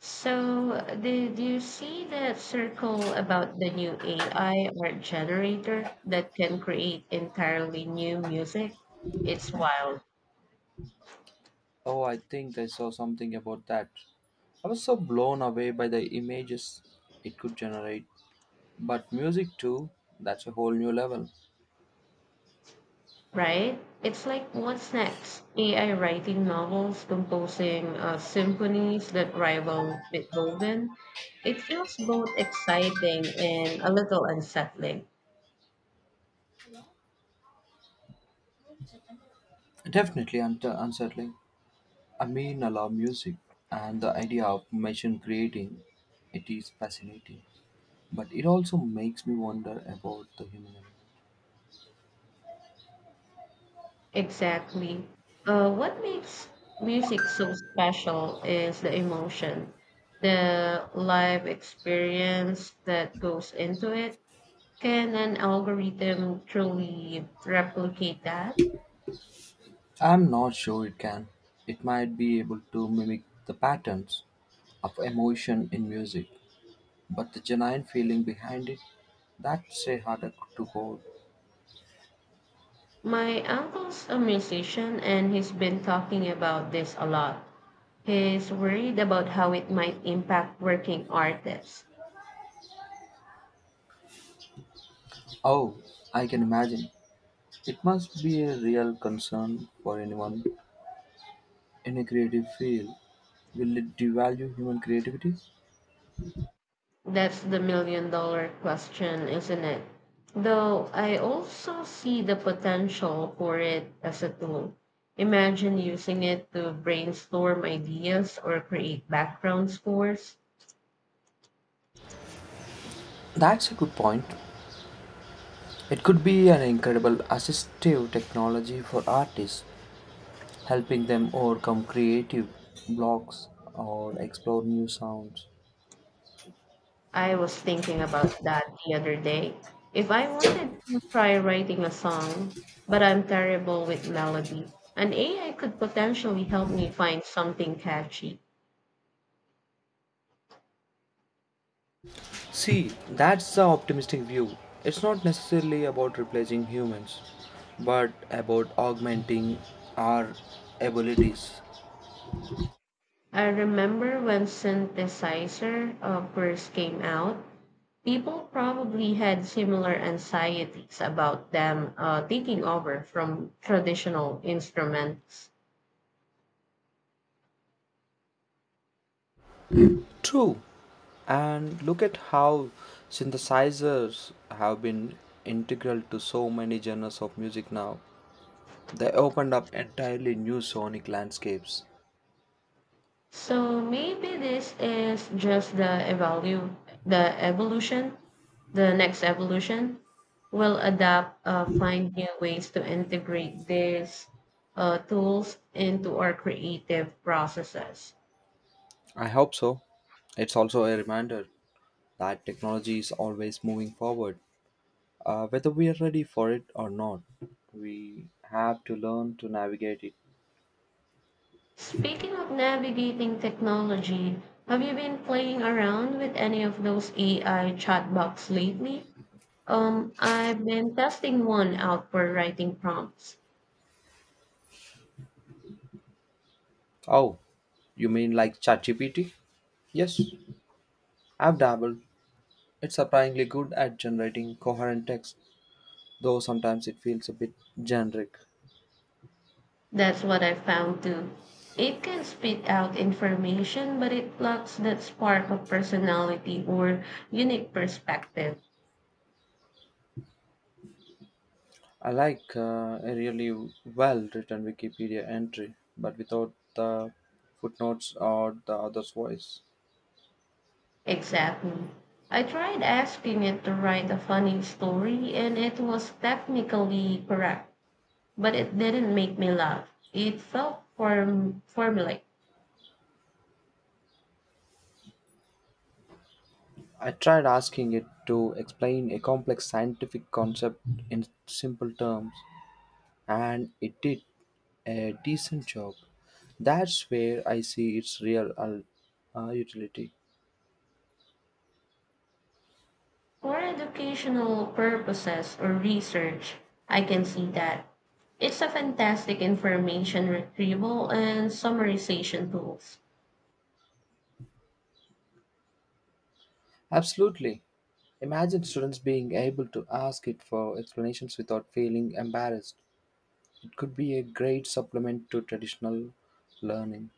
So, did you see that circle about the new AI art generator that can create entirely new music? It's wild, Oh, I think I saw something about that. I was so blown away by the images it could generate. But music, too, that's a whole new level. right? It's like what's next? AI writing novels, composing symphonies that rival Beethoven. It feels both exciting and a little unsettling. Definitely unsettling. I mean, I love music, and the idea of machine creating it is fascinating. But it also makes me wonder about the human element. Exactly. What makes music so special is the emotion, the live experience that goes into it. Can an algorithm truly replicate that? I'm not sure it can. It might be able to mimic the patterns of emotion in music, but the genuine feeling behind it, that's a harder to hold. My uncle's a musician and he's been talking about this a lot. He's worried about how it might impact working artists. Oh, I can imagine. It must be a real concern for anyone in a creative field. Will it devalue human creativity? That's the million-dollar question, isn't it? Though I also see the potential for it as a tool. Imagine using it to brainstorm ideas or create background scores. That's a good point. It could be an incredible assistive technology for artists, helping them overcome creative blocks or explore new sounds. I was thinking about that the other day. If I wanted to try writing a song, but I'm terrible with melody, an AI could potentially help me find something catchy. See, that's the optimistic view. It's not necessarily about replacing humans, but about augmenting our abilities. I remember when synthesizer first came out. People probably had similar anxieties about them taking over from traditional instruments. True. And look at how synthesizers have been integral to so many genres of music now. They opened up entirely new sonic landscapes. So maybe this is just the evolution, the next evolution. Will adapt, find new ways to integrate these tools into our creative processes. I hope so. It's also a reminder that technology is always moving forward. Whether we are ready for it or not, we have to learn to navigate it. Speaking of navigating technology, have you been playing around with any of those AI chatbots lately? I've been testing one out for writing prompts. Oh, you mean like ChatGPT? Yes, I've dabbled. It's surprisingly good at generating coherent text, though sometimes it feels a bit generic. That's what I found too. It can spit out information, but it lacks that spark of personality or unique perspective. I like a really well written Wikipedia entry, but without the footnotes or the author's voice. Exactly. I tried asking it to write a funny story, and it was technically correct, but it didn't make me laugh. It felt formulaic. I tried asking it to explain a complex scientific concept in simple terms, and it did a decent job. That's where I see its real utility. For educational purposes or research, I can see that. It's a fantastic information retrieval and summarization tools. Absolutely. Imagine students being able to ask it for explanations without feeling embarrassed. It could be a great supplement to traditional learning.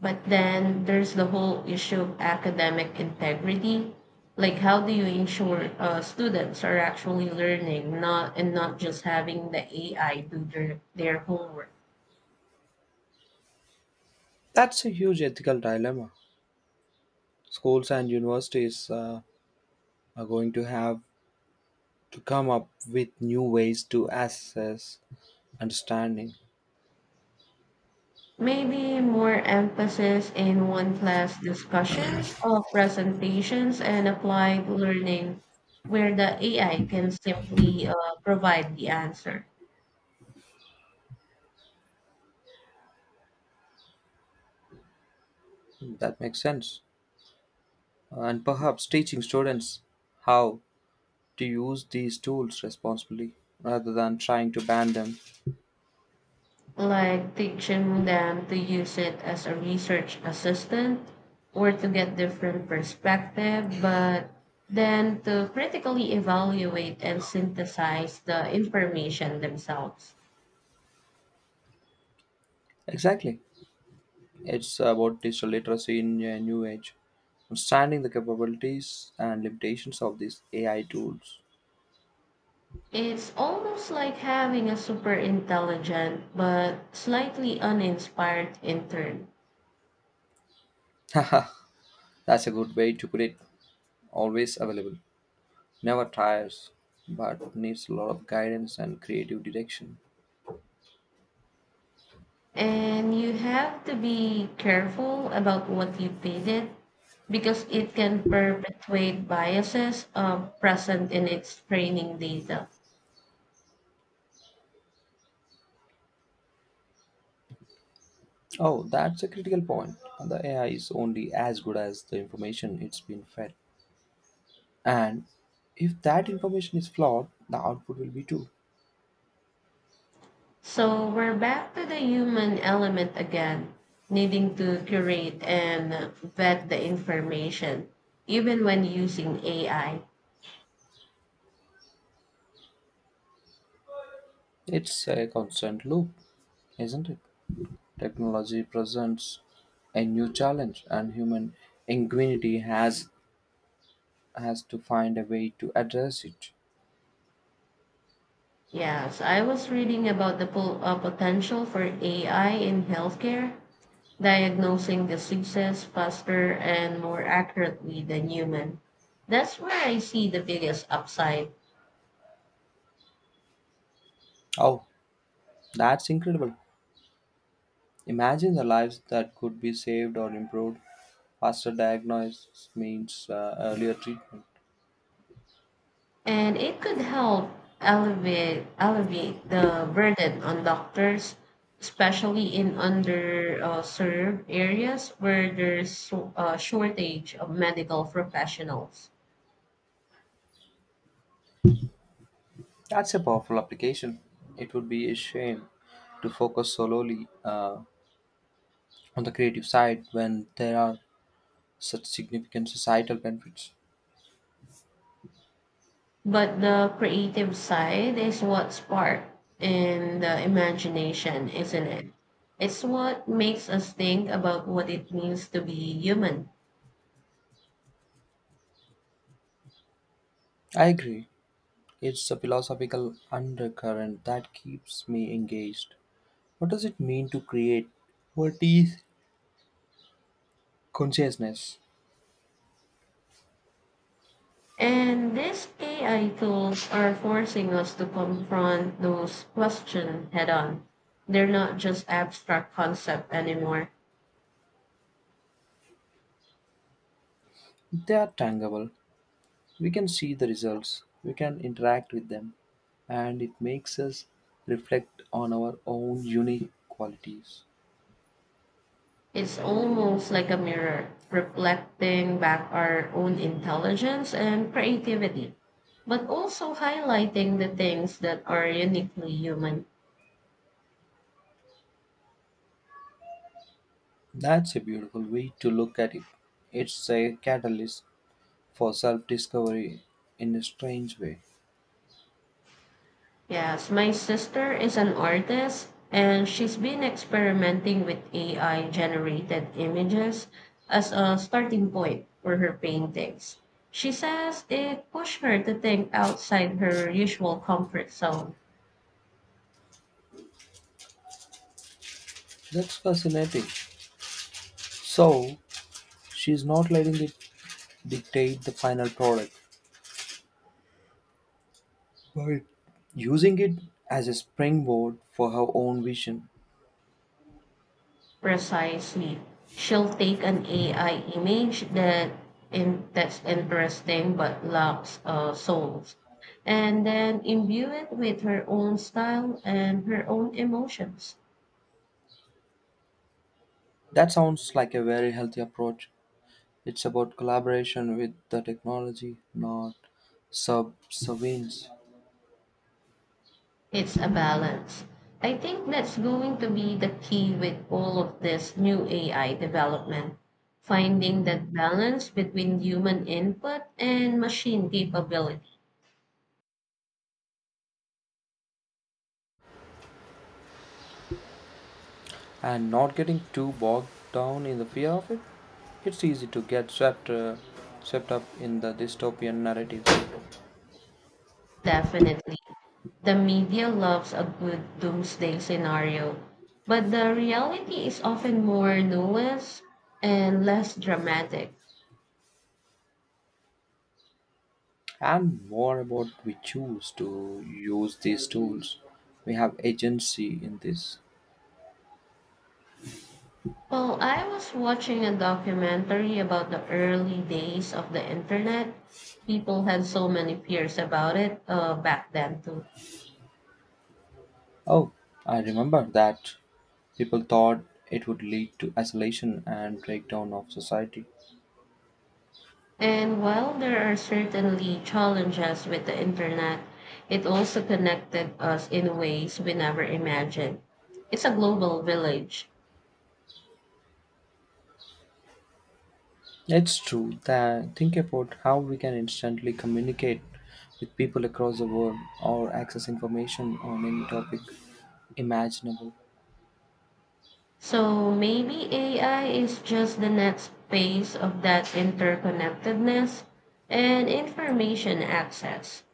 But then there's the whole issue of academic integrity. Like, how do you ensure students are actually learning, not just having the AI do their homework? That's a huge ethical dilemma. Schools and universities are going to have to come up with new ways to assess understanding. Maybe more emphasis in one class discussions or presentations and applied learning where the AI can simply provide the answer, That makes sense. And perhaps teaching students how to use these tools responsibly rather than trying to ban them. like teaching them to use it as a research assistant or to get different perspective, but then to critically evaluate and synthesize the information themselves. Exactly. It's about digital literacy in a new age, understanding the capabilities and limitations of these AI tools. It's almost like having a super intelligent but slightly uninspired intern. That's a good way to put it. Always available, never tires, but needs a lot of guidance and creative direction. And you have to be careful about what you feed it because it can perpetuate biases present in its training data. Oh, that's a critical point. The AI is only as good as the information it's been fed. And if that information is flawed, the output will be too. So we're back to the human element again, needing to curate and vet the information, even when using AI. It's a constant loop, isn't it? Technology presents a new challenge, and human ingenuity has to find a way to address it. Yes, I was reading about the potential for AI in healthcare, diagnosing diseases faster and more accurately than human. That's where I see the biggest upside, Oh, that's incredible! Imagine the lives that could be saved or improved. Faster diagnosis means earlier treatment. and it could help elevate the burden on doctors, especially in underserved areas where there's a shortage of medical professionals. That's a powerful application. It would be a shame to focus solely on the creative side when there are such significant societal benefits. But the creative side is what spark in the imagination, isn't it? It's what makes us think about what it means to be human. I agree. It's a philosophical undercurrent that keeps me engaged. What does it mean to create? What is consciousness? And these AI tools are forcing us to confront those questions head on. They're not just abstract concepts anymore. They are tangible. We can see the results, we can interact with them, and it makes us reflect on our own unique qualities. It's almost like a mirror reflecting back our own intelligence and creativity, but also highlighting the things that are uniquely human. That's a beautiful way to look at it. It's a catalyst for self discovery in a strange way. Yes, my sister is an artist and she's been experimenting with AI generated images as a starting point for her paintings. She says it pushed her to think outside her usual comfort zone. That's fascinating. So, she is not letting it dictate the final product, but using it as a springboard for her own vision. Precisely. She'll take an AI image that's interesting but lacks souls, and then imbue it with her own style and her own emotions. That sounds like a very healthy approach. It's about collaboration with the technology, not subservience, It's a balance. I think that's going to be the key with all of this new AI development, finding that balance between human input and machine capability. and not getting too bogged down in the fear of it. It's easy to get swept up in the dystopian narratives. Definitely. The media loves a good doomsday scenario, but the reality is often more nuanced and less dramatic. And more about we choose to use these tools. We have agency in this. Well, I was watching a documentary about the early days of the internet. People had so many fears about it back then, too. Oh, I remember that. People thought it would lead to isolation and breakdown of society. And while there are certainly challenges with the internet, it also connected us in ways we never imagined. It's a global village. It's true that think about how we can instantly communicate with people across the world or access information on any topic imaginable. So maybe AI is just the next phase of that interconnectedness and information access.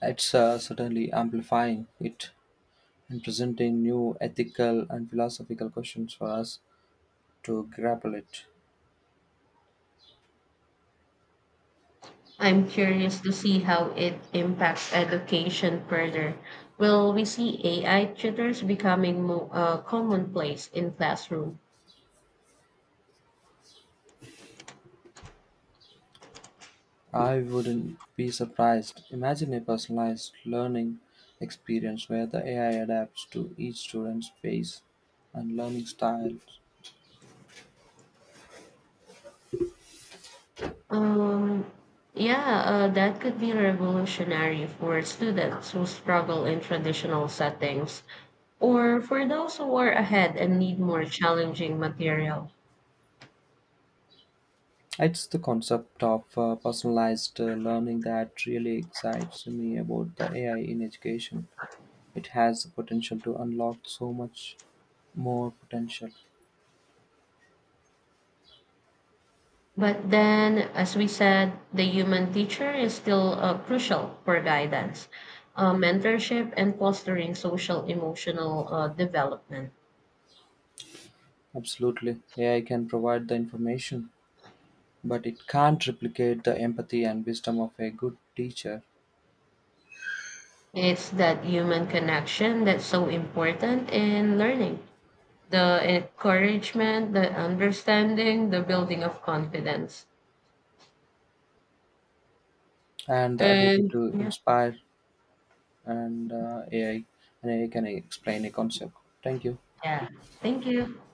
It's certainly amplifying it and presenting new ethical and philosophical questions for us to grapple it. I'm curious to see how it impacts education further. Will we see AI tutors becoming more commonplace in classroom? I wouldn't be surprised. Imagine a personalized learning experience where the AI adapts to each student's pace and learning style. Um, yeah, that could be revolutionary for students who struggle in traditional settings or for those who are ahead and need more challenging material. It's the concept of personalized learning that really excites me about the AI in education. It has the potential to unlock so much more potential. But then, as we said, the human teacher is still crucial for guidance, mentorship, and fostering social emotional development. Absolutely. AI can provide the information, but it can't replicate the empathy and wisdom of a good teacher It's that human connection that's so important in learning, the encouragement, the understanding, the building of confidence. and the ability And to yeah, inspire and uh, AI, and AI can explain a concept. Thank you. yeah. Thank you.